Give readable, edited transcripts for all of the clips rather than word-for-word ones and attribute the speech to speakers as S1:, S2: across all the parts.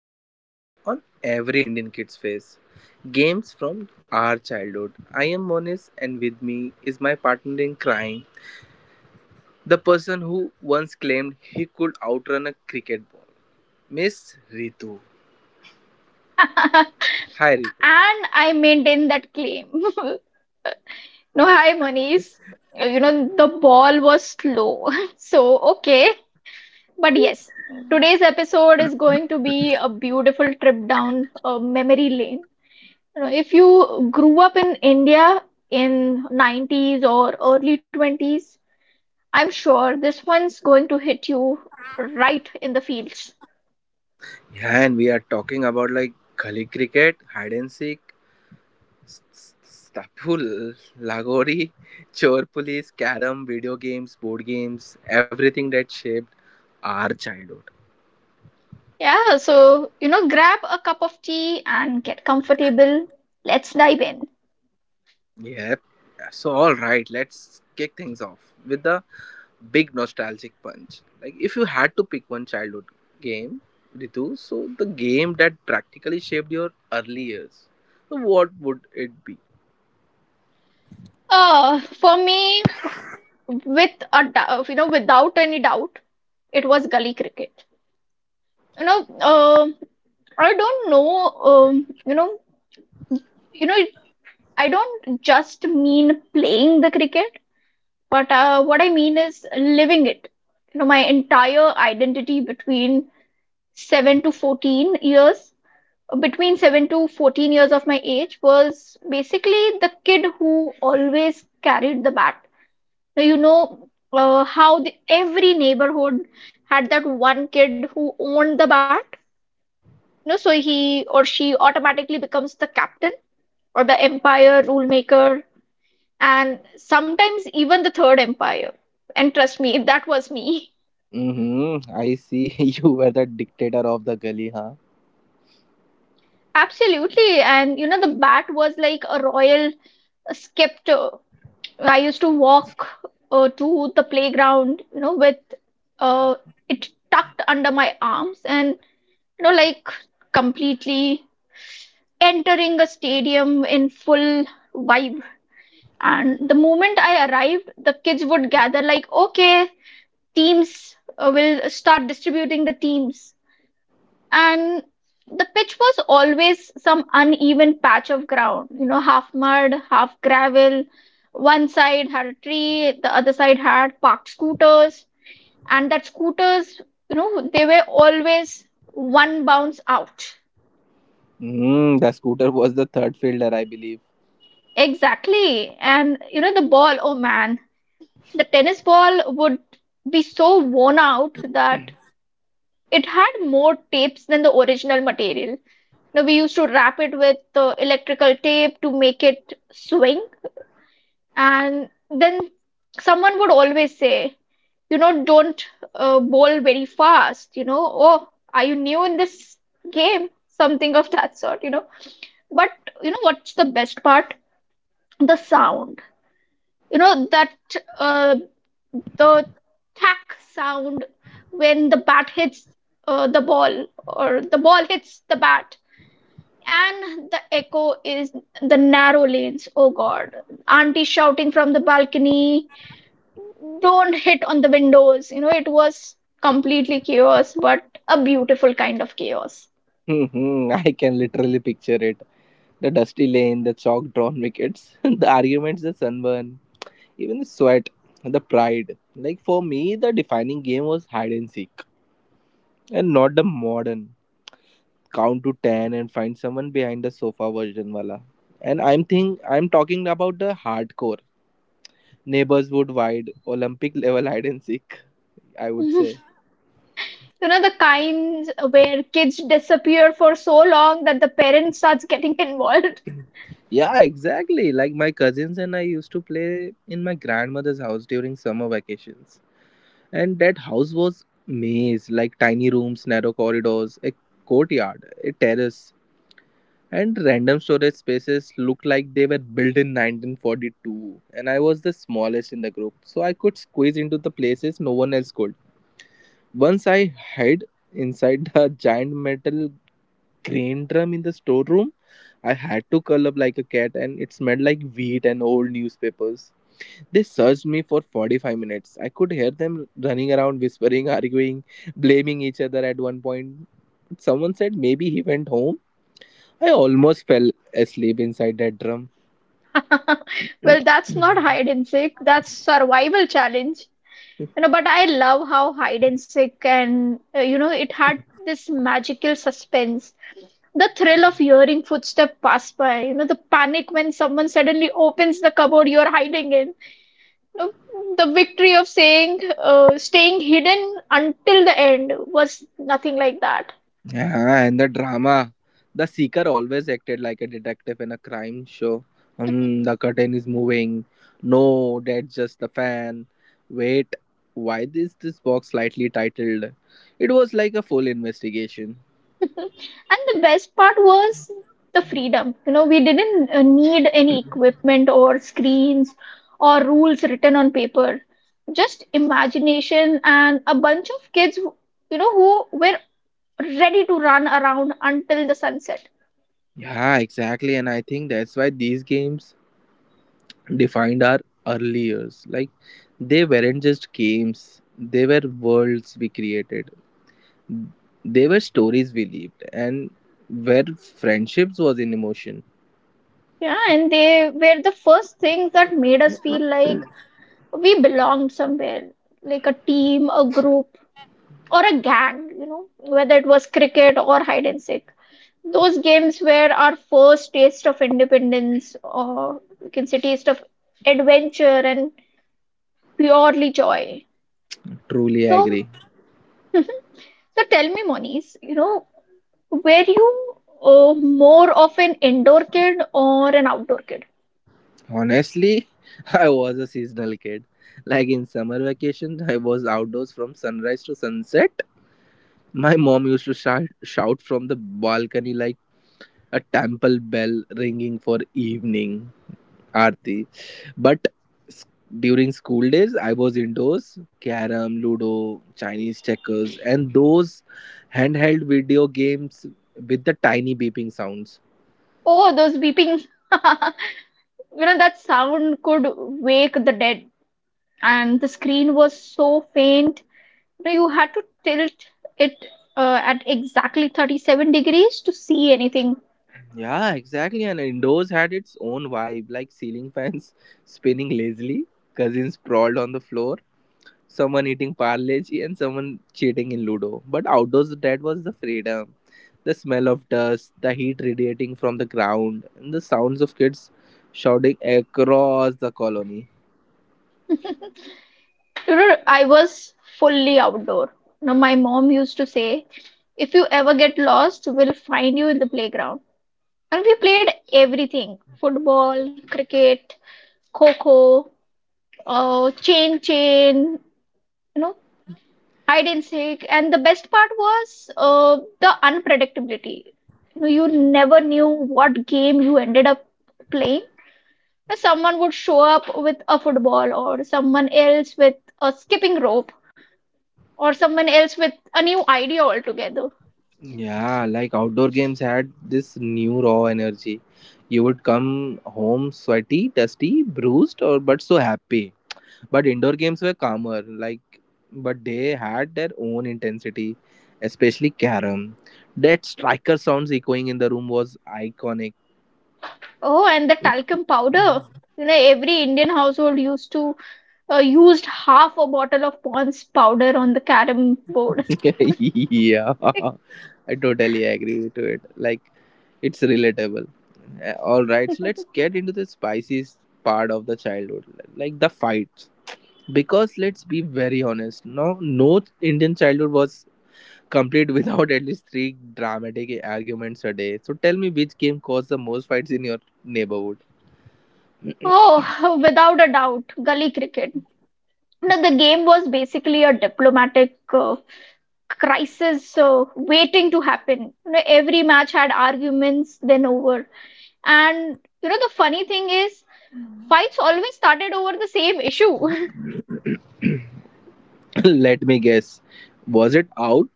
S1: puts a smile on every Indian kid's face. Games from our childhood. I am Monis, and with me is my partner in crime, the person who once claimed he could outrun a cricket ball, Miss Ritu. Hi, Ritu.
S2: And I maintain that claim. No, hi, Manish. You know, the ball was slow. So, okay. But yes, today's episode is going to be a beautiful trip down memory lane. You know, if you grew up in India in 90s or early 20s, I'm sure this one's going to hit you right in the feels.
S1: Yeah, and we are talking about like gully cricket, hide and seek, Stapul, Lagori, Chor Police, Carom, video games, board games, everything that shaped our childhood.
S2: Yeah, so, you know, grab a cup of tea and get comfortable. Let's dive in.
S1: Yep. So, all right, let's kick things off with the big nostalgic punch. Like, if you had to pick one childhood game, Ritu, so the game that practically shaped your early years, so what would it be?
S2: For me, with you know, without any doubt, it was gully cricket. You know, I don't know, you know, I don't just mean playing the cricket, but what I mean is living it. You know, my entire identity between 7 to 14 years between 7 to 14 years of my age was basically the kid who always carried the bat. Now, you know, how every neighborhood had that one kid who owned the bat. You know, so he or she automatically becomes the captain, or the empire rule maker, and sometimes even the third empire. And trust me, if that was me.
S1: Mm-hmm. I see you were the dictator of the gully, huh?
S2: Absolutely. And you know, the bat was like a royal scepter. I used to walk to the playground, you know, with uh, it tucked under my arms and, you know, like completely entering a stadium in full vibe. And the moment I arrived, the kids would gather, like, okay, teams, will start distributing the teams. And the pitch was always some uneven patch of ground, you know, half mud, half gravel. One side had a tree, the other side had parked scooters. And that scooters, you know, they were always one bounce out.
S1: Mm, the scooter was the third fielder, I believe.
S2: Exactly. And you know, the ball, oh man, the tennis ball would be so worn out that it had more tapes than the original material. Now we used to wrap it with electrical tape to make it swing, and then someone would always say, you know, don't bowl very fast. You know, oh, are you new in this game? Something of that sort. You know, but you know what's the best part? The sound. You know that uh, the tack sound when the bat hits the ball, or the ball hits the bat, and the echo is the narrow lanes. Oh god, auntie shouting from the balcony, don't hit on the windows. You know, it was completely chaos, but a beautiful kind of chaos.
S1: Mhm, I can literally picture it. The dusty lane, the chalk drawn wickets, the arguments, the sunburn, even the sweat, the pride. Like for me, the defining game was hide and seek, and not the modern count to 10 and find someone behind the sofa version wala. And I'm talking about the hardcore neighbors would wide Olympic level hide and seek, I would
S2: You
S1: say.
S2: know, the kinds where kids disappear for so long that the parents starts getting involved.
S1: Yeah, exactly. Like my cousins and I used to play in my grandmother's house during summer vacations. And that house was maze, like tiny rooms, narrow corridors, a courtyard, a terrace, and random storage spaces looked like they were built in 1942. And I was the smallest in the group, so I could squeeze into the places no one else could. Once I hid inside the giant metal crane drum in the storeroom. I had to curl up like a cat, and it smelled like wheat and old newspapers. They searched me for 45 minutes. I could hear them running around, whispering, arguing, blaming each other at one point. Someone said maybe he went home. I almost fell asleep inside that drum.
S2: Well, that's not hide and seek, that's survival challenge. You know, but I love how hide and seek and it had this magical suspense. The thrill of hearing footsteps pass by, you know, the panic when someone suddenly opens the cupboard you're hiding in. You know, the victory of saying staying hidden until the end was nothing like that.
S1: Yeah, and the drama. The seeker always acted like a detective in a crime show. Hmm, the curtain is moving. No, that's just the fan. Wait, why is this box slightly titled? It was like a full investigation.
S2: And the best part was the freedom. You know, we didn't need any equipment or screens or rules written on paper. Just imagination and a bunch of kids, who were ready to run around until the sunset.
S1: Yeah, exactly. And I think that's why these games defined our early years. Like, they weren't just games, they were worlds we created. They were stories we lived, and where friendships was in emotion.
S2: Yeah, and they were the first things that made us feel like we belonged somewhere, like a team, a group, or a gang, you know, whether it was cricket or hide and seek. Those games were our first taste of independence, or you can say taste of adventure and purely joy.
S1: Truly
S2: So,
S1: agree.
S2: so tell me, Moniz, you know, were you more of an indoor kid or an outdoor kid?
S1: Honestly, I was a seasonal kid. Like in summer vacation, I was outdoors from sunrise to sunset. My mom used to shout from the balcony like a temple bell ringing for evening aarti. But s- during school days, I was indoors, carom, ludo, Chinese checkers, and those handheld video games with the tiny beeping sounds.
S2: Oh, those beeping. You know, that sound could wake the dead, and the screen was so faint. You know, you had to tilt it at exactly 37 degrees to see anything.
S1: Yeah, exactly. And indoors had its own vibe, like ceiling fans spinning lazily, cousins sprawled on the floor, someone eating parleji, and someone cheating in Ludo. But outdoors, that was the freedom. The smell of dust, the heat radiating from the ground, and the sounds of kids shouting across the colony.
S2: You know, I was fully outdoor. Now, my mom used to say, if you ever get lost, we'll find you in the playground. And we played everything football, cricket, coco, chain chain, you know, hide and seek. And the best part was the unpredictability. You know, you never knew what game you ended up playing. Someone would show up with a football, or someone else with a skipping rope, or someone else with a new idea altogether.
S1: Yeah, like outdoor games had this new raw energy. You would come home sweaty, dusty, bruised, or but so happy. But indoor games were calmer, like but they had their own intensity, especially carom. That striker sounds echoing in the room was iconic.
S2: Oh, and the talcum powder. You know, every Indian household used to used half a bottle of Pond's powder on the carom board.
S1: Yeah, I totally agree to it. Like it's relatable. All right, so let's get into the spiciest part of the childhood, like the fights. Because let's be very honest, no Indian childhood was complete without at least three dramatic arguments a day. So tell me, which game caused the most fights in your neighborhood?
S2: Oh, without a doubt, gully cricket. Now, the game was basically a diplomatic crisis waiting to happen. You know, every match had arguments, then over. And you know, the funny thing is, fights always started over the same issue.
S1: Let me guess. Was it out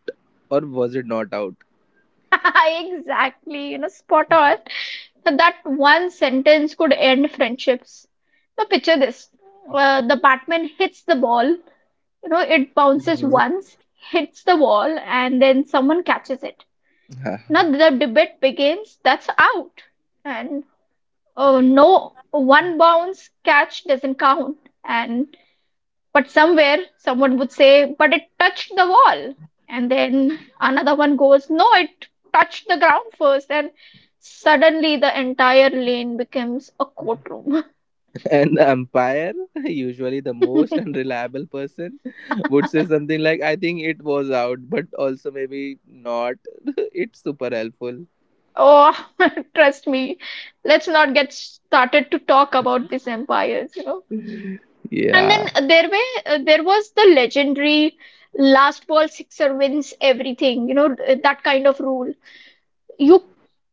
S1: or was it not out?
S2: Exactly, you know, spot on. So that one sentence could end friendships. Now, picture this. The Batman hits the ball, you know, it bounces
S1: Mhm.
S2: once, hits the wall, and then someone catches it. Now, the debate begins, that's out. And oh no, one bounce catch doesn't count. And but somewhere someone would say, but it touched the wall. And then another one goes, no, it touched the ground first. And suddenly the entire lane becomes a courtroom.
S1: An umpire, usually the most unreliable person, would say something like, I think it was out, but also maybe not. It's super helpful.
S2: Oh, trust me, let's not get started to talk about these empires, you know. And
S1: Yeah.
S2: then there was the legendary last ball sixer wins everything, you know, that kind of rule. you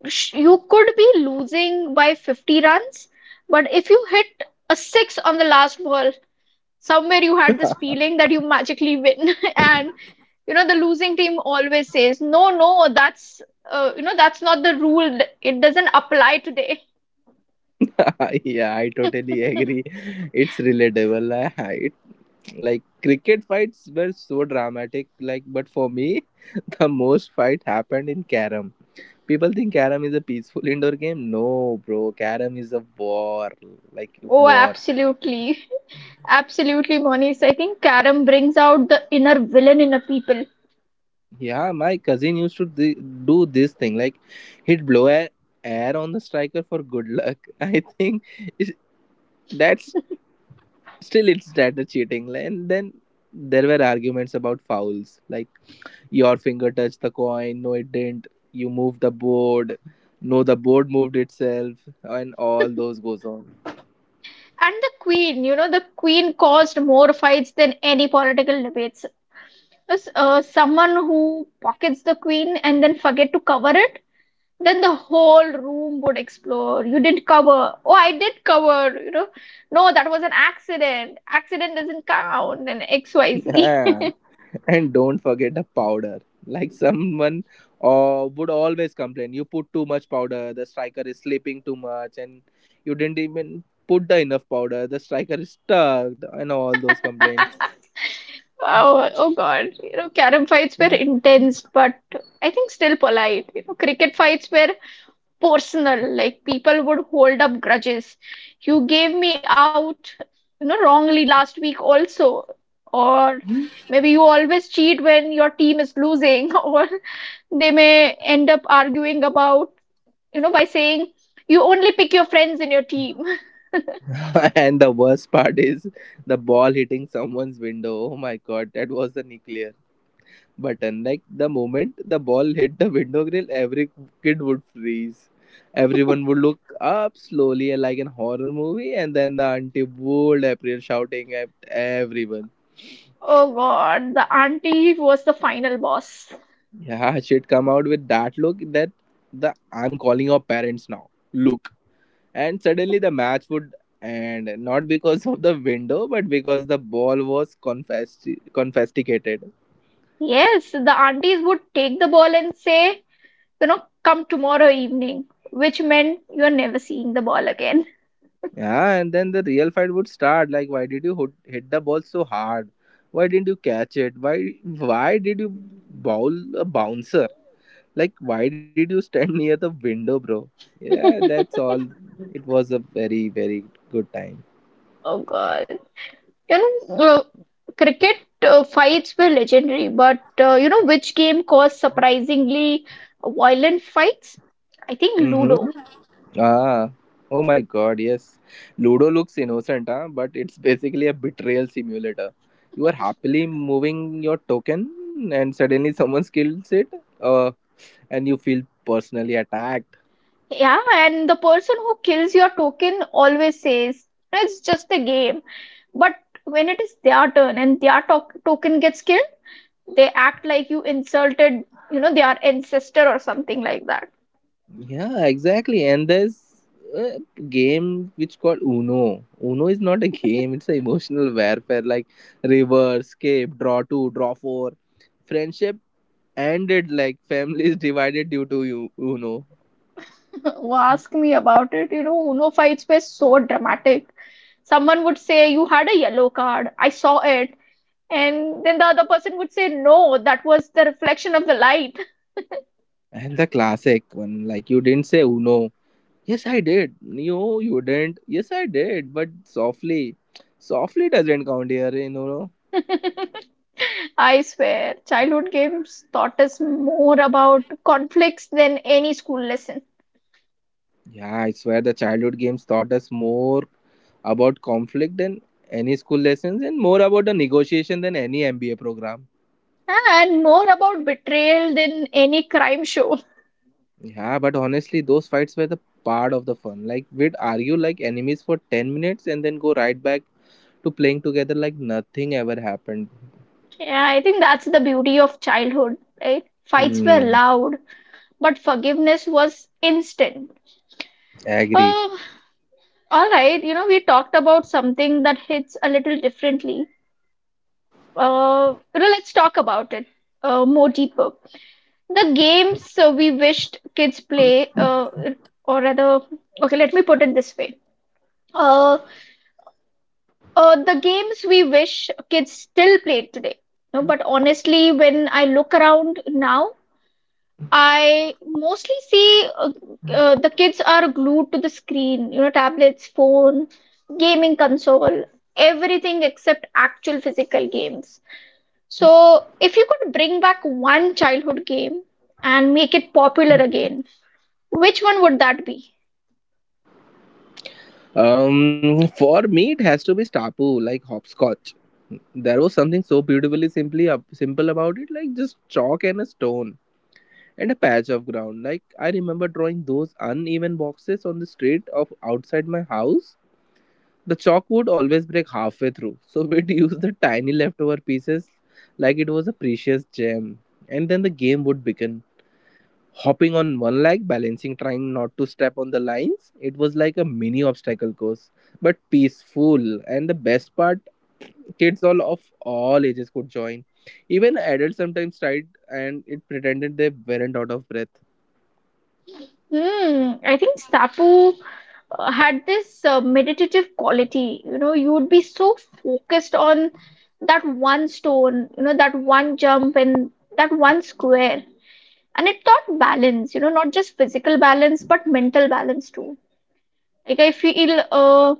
S2: you could be losing by 50 runs, but if you hit a six on the last ball, somewhere you had this feeling that you magically win. And you know, the losing team always says, no, no, that's that's not the rule, it doesn't apply today.
S1: Yeah, I totally agree. It's relatable. I like cricket fights were so dramatic. Like, but for me, the most fight happened in carom. People think carom is a peaceful indoor game. No, bro, carom is a war. Like
S2: Oh
S1: war.
S2: absolutely. Absolutely, Monish, I think karam brings out the inner villain in a people.
S1: Yeah, my cousin used to do this thing. Like, he'd blow air on the striker for good luck. I think it's- that's still it's data cheating. And then there were arguments about fouls. Like, your finger touched the coin. No, it didn't. You moved the board. No, the board moved itself, and all those goes on.
S2: And the queen, you know, the queen caused more fights than any political debates. As, someone who pockets the queen and then forget to cover it, then the whole room would explode. You didn't cover. Oh, I did cover. You know, no, that was an accident. Accident doesn't count. And XYZ.
S1: Yeah. And don't forget the powder. Like someone would always complain, you put too much powder, the striker is sleeping too much, and you didn't even put the enough powder, the striker is stuck, and all those complaints.
S2: Wow. Oh God. You know, carom fights were intense, but I think still polite. You know, cricket fights were personal. Like people would hold up grudges. You gave me out, you know, wrongly last week also. Or maybe you always cheat when your team is losing, or they may end up arguing about, you know, by saying you only pick your friends in your team.
S1: And the worst part is the ball hitting someone's window. Oh my god, that was the nuclear button. Like the moment the ball hit the window grill, every kid would freeze. Everyone would look up slowly like in horror movie, and then the auntie would appear shouting at everyone.
S2: Oh God, the auntie was the final boss.
S1: Yeah, she'd come out with that look that the I'm calling your parents now look. And suddenly the match would end, not because of the window, but because the ball was confiscated.
S2: Yes, the aunties would take the ball and say, you know, come tomorrow evening, which meant you're never seeing the ball again.
S1: Yeah, and then the real fight would start. Like, why did you hit the ball so hard? Why didn't you catch it? Why did you bowl a bouncer? Like, why did you stand near the window, bro? Yeah, that's all. It was a very good time.
S2: Oh God. You know, cricket fights were legendary, but you know which game caused surprisingly violent fights? I think
S1: Mm-hmm.
S2: Ludo.
S1: Ah, oh my God, yes. Ludo looks innocent, huh? But it's basically a betrayal simulator. You are happily moving your token, and suddenly someone kills it, and you feel personally attacked.
S2: Yeah, and the person who kills your token always says, "No, it's just a game." But when it is their turn and their to token gets killed, they act like you insulted, you know, their ancestor or something like that.
S1: Yeah, exactly. And there's a game which called Uno. Uno is not a game; it's an emotional warfare. Like reverse, escape, draw two, draw four. Friendship ended like families divided due to you Uno.
S2: Ask me about it. You know, Uno fights were so dramatic. Someone would say, you had a yellow card. I saw it. And then the other person would say, no, that was the reflection of the light.
S1: And the classic one, like you didn't say Uno. Yes, I did. No, you didn't. Yes, I did, but softly. Softly doesn't count here, in Uno.
S2: I swear, childhood games taught us more about conflicts than any school lesson,
S1: Yeah, I swear the childhood games taught us more about conflict than any school lessons, and more about the negotiation than any MBA program.
S2: and more about betrayal than any crime show.
S1: Yeah, but honestly, those fights were the part of the fun. Like, we'd argue like enemies for 10 minutes and then go right back to playing together like nothing ever happened.
S2: Yeah, I think that's the beauty of childhood, right? Fights were
S1: Hmm,
S2: loud, but forgiveness was instant.
S1: agree.
S2: Oh, all right, you know, we talked about something that hits a little differently. You know, let's talk about it more deeper. The games so we wished kids play, or rather, okay, let me put it this way. Uh, the games we wish kids still played today. No, but honestly, when I look around now, I mostly see the kids are glued to the screen, you know, tablets, phone, gaming console, everything except actual physical games. So, if you could bring back one childhood game and make it popular again, which one would that be?
S1: For me, it has to be Stapu, like hopscotch. There was something so beautifully simple about it, like just chalk and a stone, and a patch of ground. Like I remember drawing those uneven boxes on the street of outside my house. The chalk would always break halfway through, so we'd use the tiny leftover pieces like it was a precious gem. And then the game would begin. Hopping on one leg, balancing, trying not to step on the lines. It was like a mini obstacle course, but peaceful. And the best part, kids all of all ages could join. Even adults sometimes tried and it pretended they weren't out of breath.
S2: Hmm, I think Sappho had this meditative quality. You know, you would be so focused on that one stone, you know, that one jump and that one square. And it taught balance, you know, not just physical balance, but mental balance too. Like I feel, uh,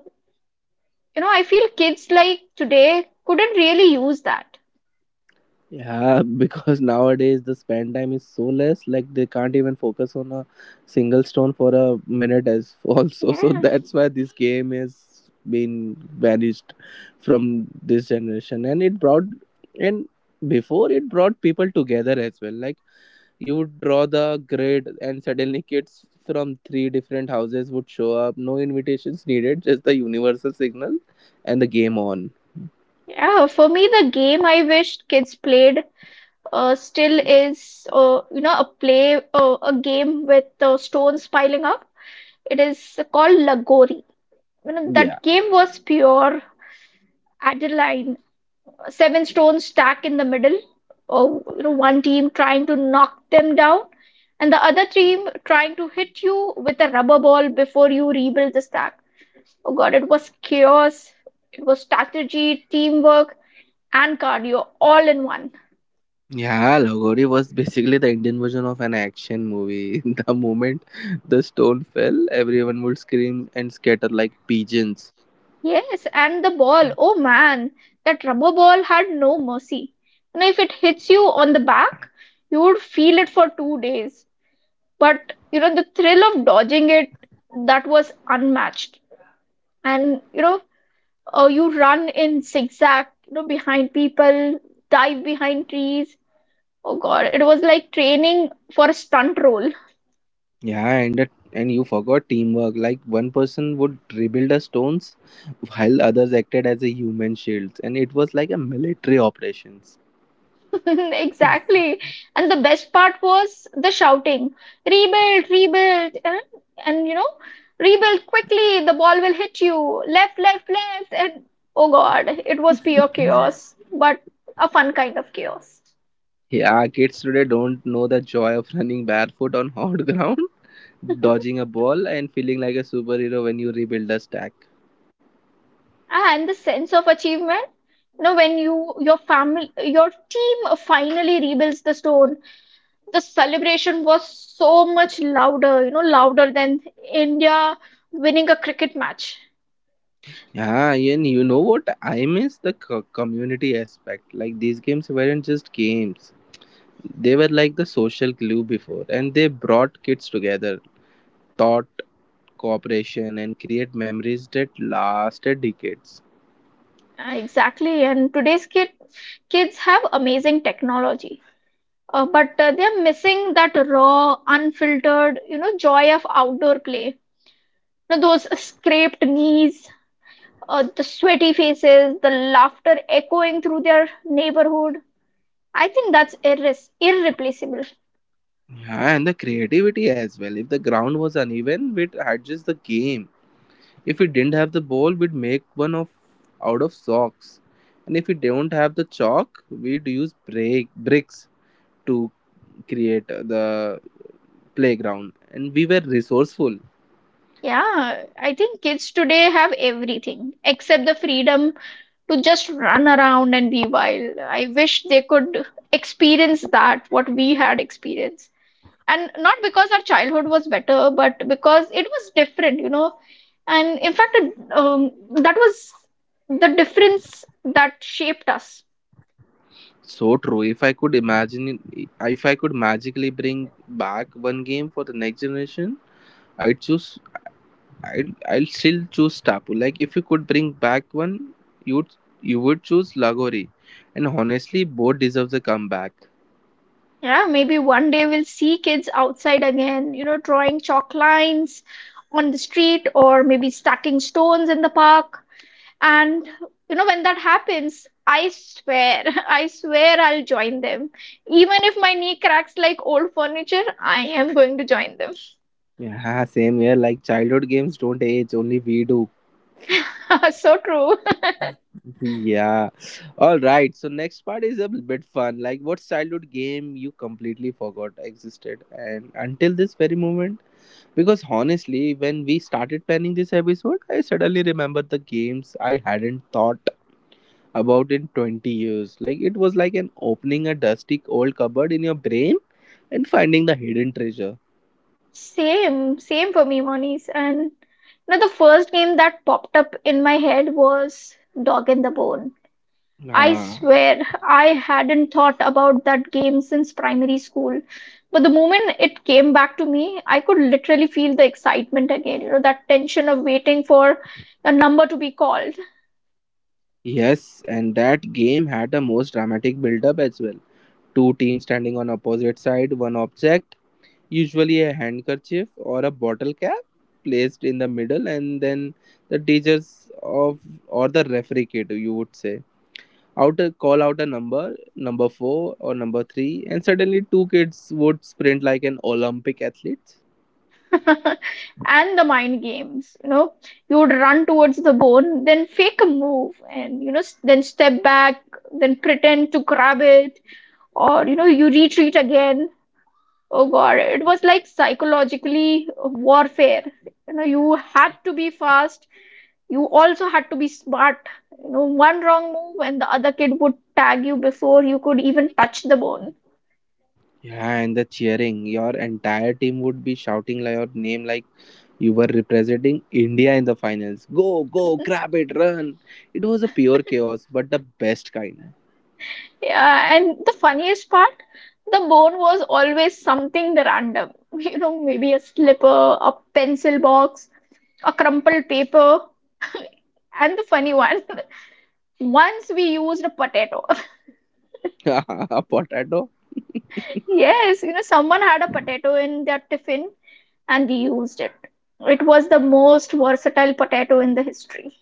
S2: you know, I feel kids like today couldn't really use that.
S1: Yeah, because nowadays the span time is so less, like they can't even focus on a single stone for a minute as also. So
S2: Yeah.
S1: that's why this game has been vanished from this generation. And it brought, and before it brought people together as well. Like you would draw the grid and suddenly kids from three different houses would show up. No invitations needed, just the universal signal and the game on.
S2: Yeah, for me, the game I wished kids played still is a play a game with stones piling up. It is called lagori. You know, that
S1: Yeah.
S2: game was pure adrenaline. 7 stones stacked in the middle, or you know, one team trying to knock them down and the other team trying to hit you with a rubber ball before you rebuild the stack. Oh god, it was chaos, it was strategy, teamwork, and cardio all in one.
S1: Yeah, Lagori was basically the Indian version of an action movie. The moment the stone fell, everyone would scream and scatter like pigeons.
S2: Yes, and the ball. Oh man, that rubber ball had no mercy. You know, if it hits you on the back, you would feel it for 2 days. But, the thrill of dodging it, that was unmatched. And you run in zigzag, behind people, dive behind trees. Oh God, it was like training for a stunt role.
S1: Yeah, and you forgot teamwork. Like one person would rebuild the stones, while others acted as a human shields, and it was like a military operations.
S2: Exactly. And the best part was the shouting, rebuild, rebuild, and rebuild quickly, the ball will hit you, left, left, left, and oh God, it was pure chaos, but a fun kind of chaos.
S1: Yeah, kids today don't know the joy of running barefoot on hot ground, dodging a ball, and feeling like a superhero when you rebuild a stack.
S2: And the sense of achievement, you know, when your family your team finally rebuilds the stone, the celebration was so much louder, you know, louder than India winning a cricket match.
S1: Yeah, yeah, and you know what? I miss the community aspect. Like these games weren't just games; they were like the social glue before, and they brought kids together, taught cooperation, and create memories that lasted decades.
S2: Exactly, and kids have amazing technology, but they're missing that raw, unfiltered, joy of outdoor play. You know, those scraped knees, the sweaty faces, the laughter echoing through their neighborhood. I think that's irres irreplaceable.
S1: Yeah, and the creativity as well. If the ground was uneven, we'd adjust the game. If we didn't have the ball, we'd make one of out of socks. And if we don't have the chalk, we'd use break bricks to create the playground, and we were resourceful.
S2: Yeah, I think kids today have everything except the freedom to just run around and be wild. I wish they could experience that, what we had experienced. And not because our childhood was better, but because it was different, you know. And in fact, that was the difference that shaped us.
S1: So true. If I could imagine, if I could magically bring back one game for the next generation, I'd choose, I'll still choose tapu. Like if you could bring back one, you'd you would choose lagori, and honestly both deserves a comeback.
S2: Yeah, maybe one day we'll see kids outside again, you know, drawing chalk lines on the street, or maybe stacking stones in the park. And you know, when that happens, I swear, I swear I'll join them. Even if my knee cracks like old furniture, I am going to join them.
S1: Yeah, same here. Like childhood games don't age, only we do.
S2: So true.
S1: Yeah. All right. So next part is a bit fun. Like, what childhood game you completely forgot existed, and until this very moment? Because honestly, when we started planning this episode, I suddenly remembered the games I hadn't thought about in 20 years. Like, it was like an opening a dusty old cupboard in your brain and finding the hidden treasure.
S2: Same for me, Monies. And you know, the first game that popped up in my head was Dog and the Bone. I
S1: Ah,
S2: swear I hadn't thought about that game since primary school. But the moment it came back to me, I could literally feel the excitement again, you know, that tension of waiting for a number to be called.
S1: yes, and that game had a most dramatic build up as well. Two teams standing on opposite side, one object, usually a handkerchief or a bottle cap placed in the middle and then the teachers of or the referee kid you would say out call out a number 4 or number 3, and suddenly two kids would sprint like an Olympic athlete.
S2: And the mind games, you know, you would run towards the bone, then fake a move and, you know, then step back, then pretend to grab it, or you know, you retreat again. Oh god, it was like psychologically warfare. You know, you had to be fast, you also had to be smart. You know, one wrong move and the other kid would tag you before you could even touch the bone.
S1: Yeah, and the cheering, your entire team would be shouting like your name, like you were representing India in the finals. Go, go grab it, run! It was a pure chaos, but the best kind.
S2: Yeah, and the funniest part, the bone was always something random. You know, maybe a slipper, a pencil box, a crumpled paper. And the funny one, once we used a potato.
S1: Potato.
S2: Yes, you know, someone had a potato in their tiffin and we used it. It was the most versatile potato in the history.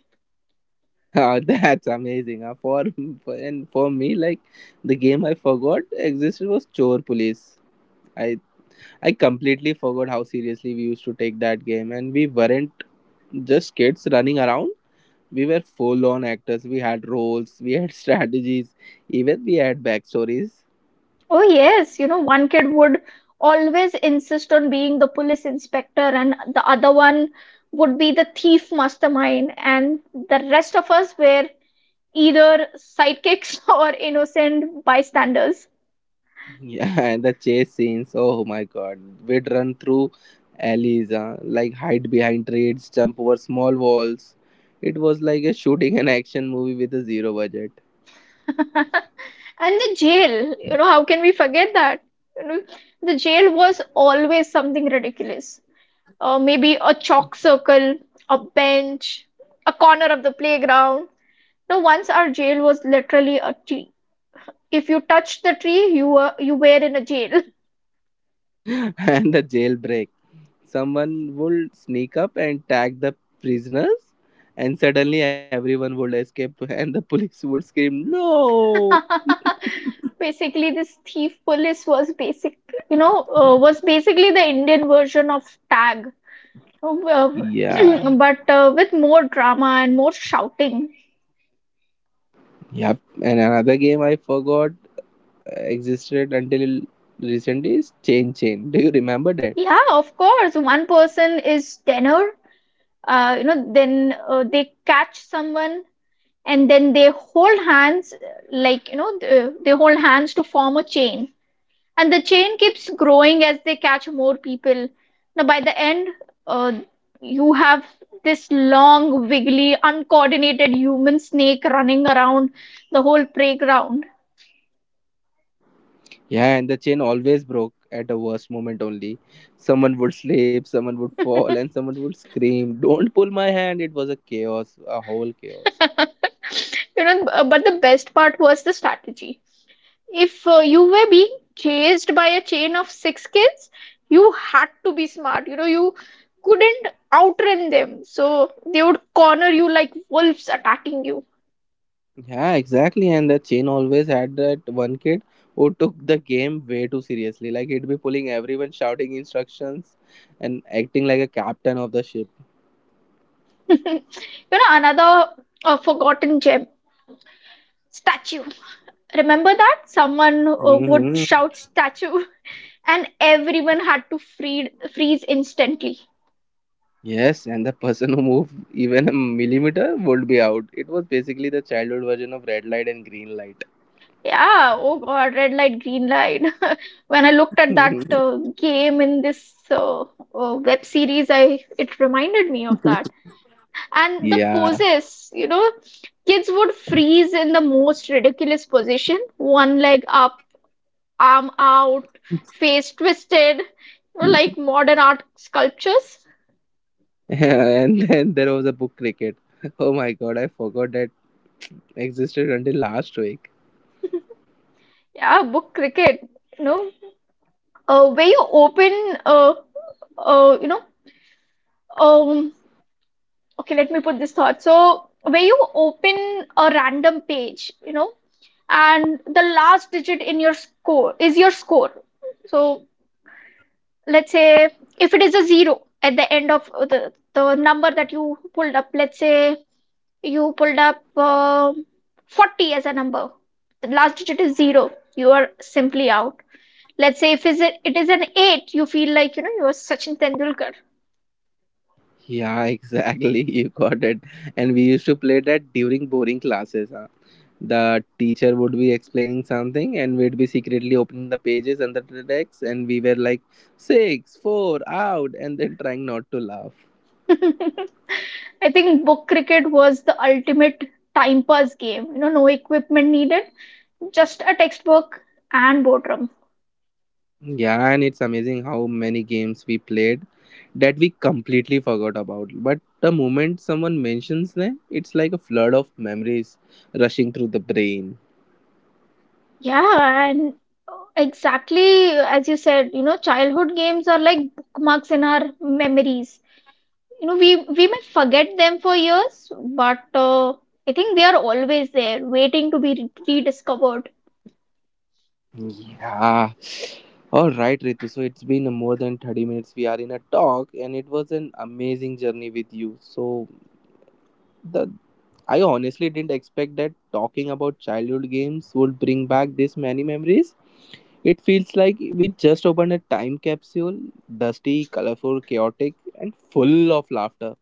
S1: Ah, that's amazing. And for me, like the game I forgot existed was Chore Police. I I completely forgot how seriously we used to take that game, and we weren't just kids running around. We were full on actors. We had roles. We had strategies. Even we had backstories.
S2: Oh, yes, you know, one kid would always insist on being the police inspector, and the other one would be the thief mastermind, and the rest of us were either sidekicks or innocent bystanders.
S1: Yeah, and the chase scenes. Oh my god, we'd run through alleys, like hide behind trees, jump over small walls. It was like a shooting an action movie with a zero budget.
S2: And the jail, you know, how can we forget that? You know, the jail was always something ridiculous. Maybe a chalk circle, a bench, a corner of the playground. Now, once our jail was literally a tree. If you touched the tree, you were in a jail.
S1: And the jailbreak. Someone would sneak up and tag the prisoners, and suddenly everyone would escape, and the police would scream, No!
S2: Basically, this thief police was basically the Indian version of tag,
S1: Yeah,
S2: But with more drama and more shouting.
S1: yep. And another game I forgot existed until recent is Chain Chain. Do you remember that?
S2: Yeah, of course, one person is tenor. You know, then they catch someone and then they hold hands, like they hold hands to form a chain. And the chain keeps growing as they catch more people. Now by the end, uh, you have this long, wiggly, uncoordinated human snake running around the whole playground.
S1: Yeah, and the chain always broke at the worst moment only. Someone would slip, someone would fall, and someone would scream, Don't pull my hand. It was a chaos, a whole chaos.
S2: You know, but the best part was the strategy. If you were being chased by a chain of 6 kids, you had to be smart. You know, you couldn't outrun them, so they would corner you like wolves attacking you.
S1: Yeah, exactly. And the chain always had that one kid who took the game way too seriously. Like he'd be pulling everyone, shouting instructions, and acting like a captain of the ship.
S2: You know, another forgotten gem, statue. Remember that? Someone would
S1: Hmm.
S2: shout statue, and everyone had to freeze instantly.
S1: Yes, and the person who moved even a millimeter would be out. It was basically the childhood version of red light and green light.
S2: Yeah, oh God, red light, green light. When I looked at that game in this web series, I it reminded me of that. And the
S1: Yeah.
S2: poses, you know, kids would freeze in the most ridiculous position, one leg up, arm out, face twisted, you know, like modern art sculptures.
S1: And then there was a book cricket. Oh my god, I forgot that existed until last week.
S2: Yeah, book cricket, you know, where you open, you know. Um. Okay, let me put this thought. So, when you open a random page, you know, and the last digit in your score is your score. So, let's say, if it is a zero at the end of the number that you pulled up, let's say you pulled up 40 as a number, the last digit is zero, you are simply out. Let's say if it is an eight, you feel like, you know, you are Sachin Tendulkar.
S1: Yeah, exactly. You got it. And we used to play that during boring classes. Huh? The teacher would be explaining something, and we'd be secretly opening the pages and the text, and we were like six, four, out, and then trying not to laugh.
S2: I think book cricket was the ultimate time pass game. You know, no equipment needed, just a textbook and boardroom.
S1: Yeah, and it's amazing how many games we played that we completely forgot about. But the moment someone mentions them, it's like a flood of memories rushing through the brain.
S2: Yeah, and exactly as you said, you know, childhood games are like bookmarks in our memories. You know, we may forget them for years, but I think they are always there, waiting to be rediscovered.
S1: Yeah. All right, Ritu. So it's been more than 30 minutes we are in a talk, and it was an amazing journey with you. So the I honestly didn't expect that talking about childhood games would bring back this many memories. It feels like we just opened a time capsule, dusty, colorful, chaotic, and full of laughter.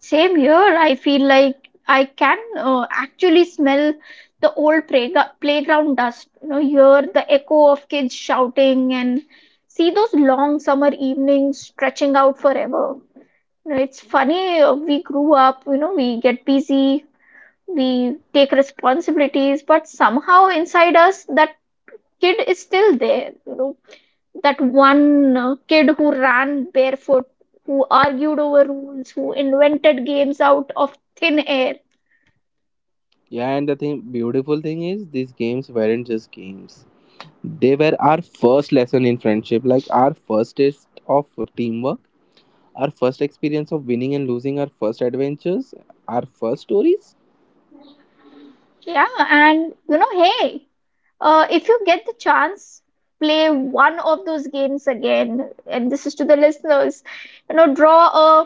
S2: Same here. I feel like I can actually smell the old playground dust, you know, hear the echo of kids shouting, and see those long summer evenings stretching out forever. You know, it's funny, we grew up, you know, we get busy, we take responsibilities, but somehow inside us, that kid is still there. You know, that one kid who ran barefoot, who argued over rules, who invented games out of thin air.
S1: Yeah, and the thing, beautiful thing is, these games weren't just games. They were our first lesson in friendship, like our first test of teamwork. Our first experience of winning and losing, our first adventures, our first stories.
S2: Yeah, and you know, hey, if you get the chance, play one of those games again. And this is to the listeners, you know, draw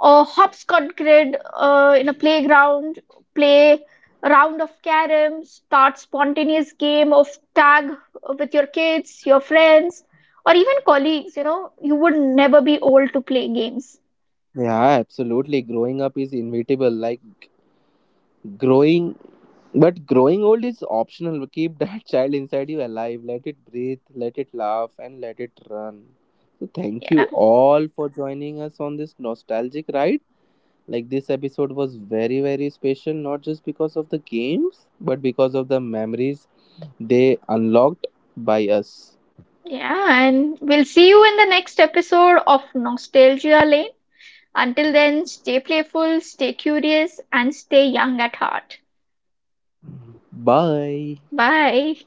S2: or hopscotch grid in a playground, play a round of carom, start spontaneous game of tag with your kids, your friends, or even colleagues. You know, you would never be old to play games.
S1: Yeah, absolutely. Growing up is inevitable. Like growing, but growing old is optional. Keep that child inside you alive. Let it breathe, let it laugh, and let it run. So, thank you
S2: Yeah,
S1: all for joining us on this nostalgic ride. Like, this episode was very, very special, not just because of the games, but because of the memories they unlocked by us.
S2: yeah, and we'll see you in the next episode of Nostalgia Lane. Until then, stay playful, stay curious, and stay young at heart.
S1: Bye.
S2: Bye.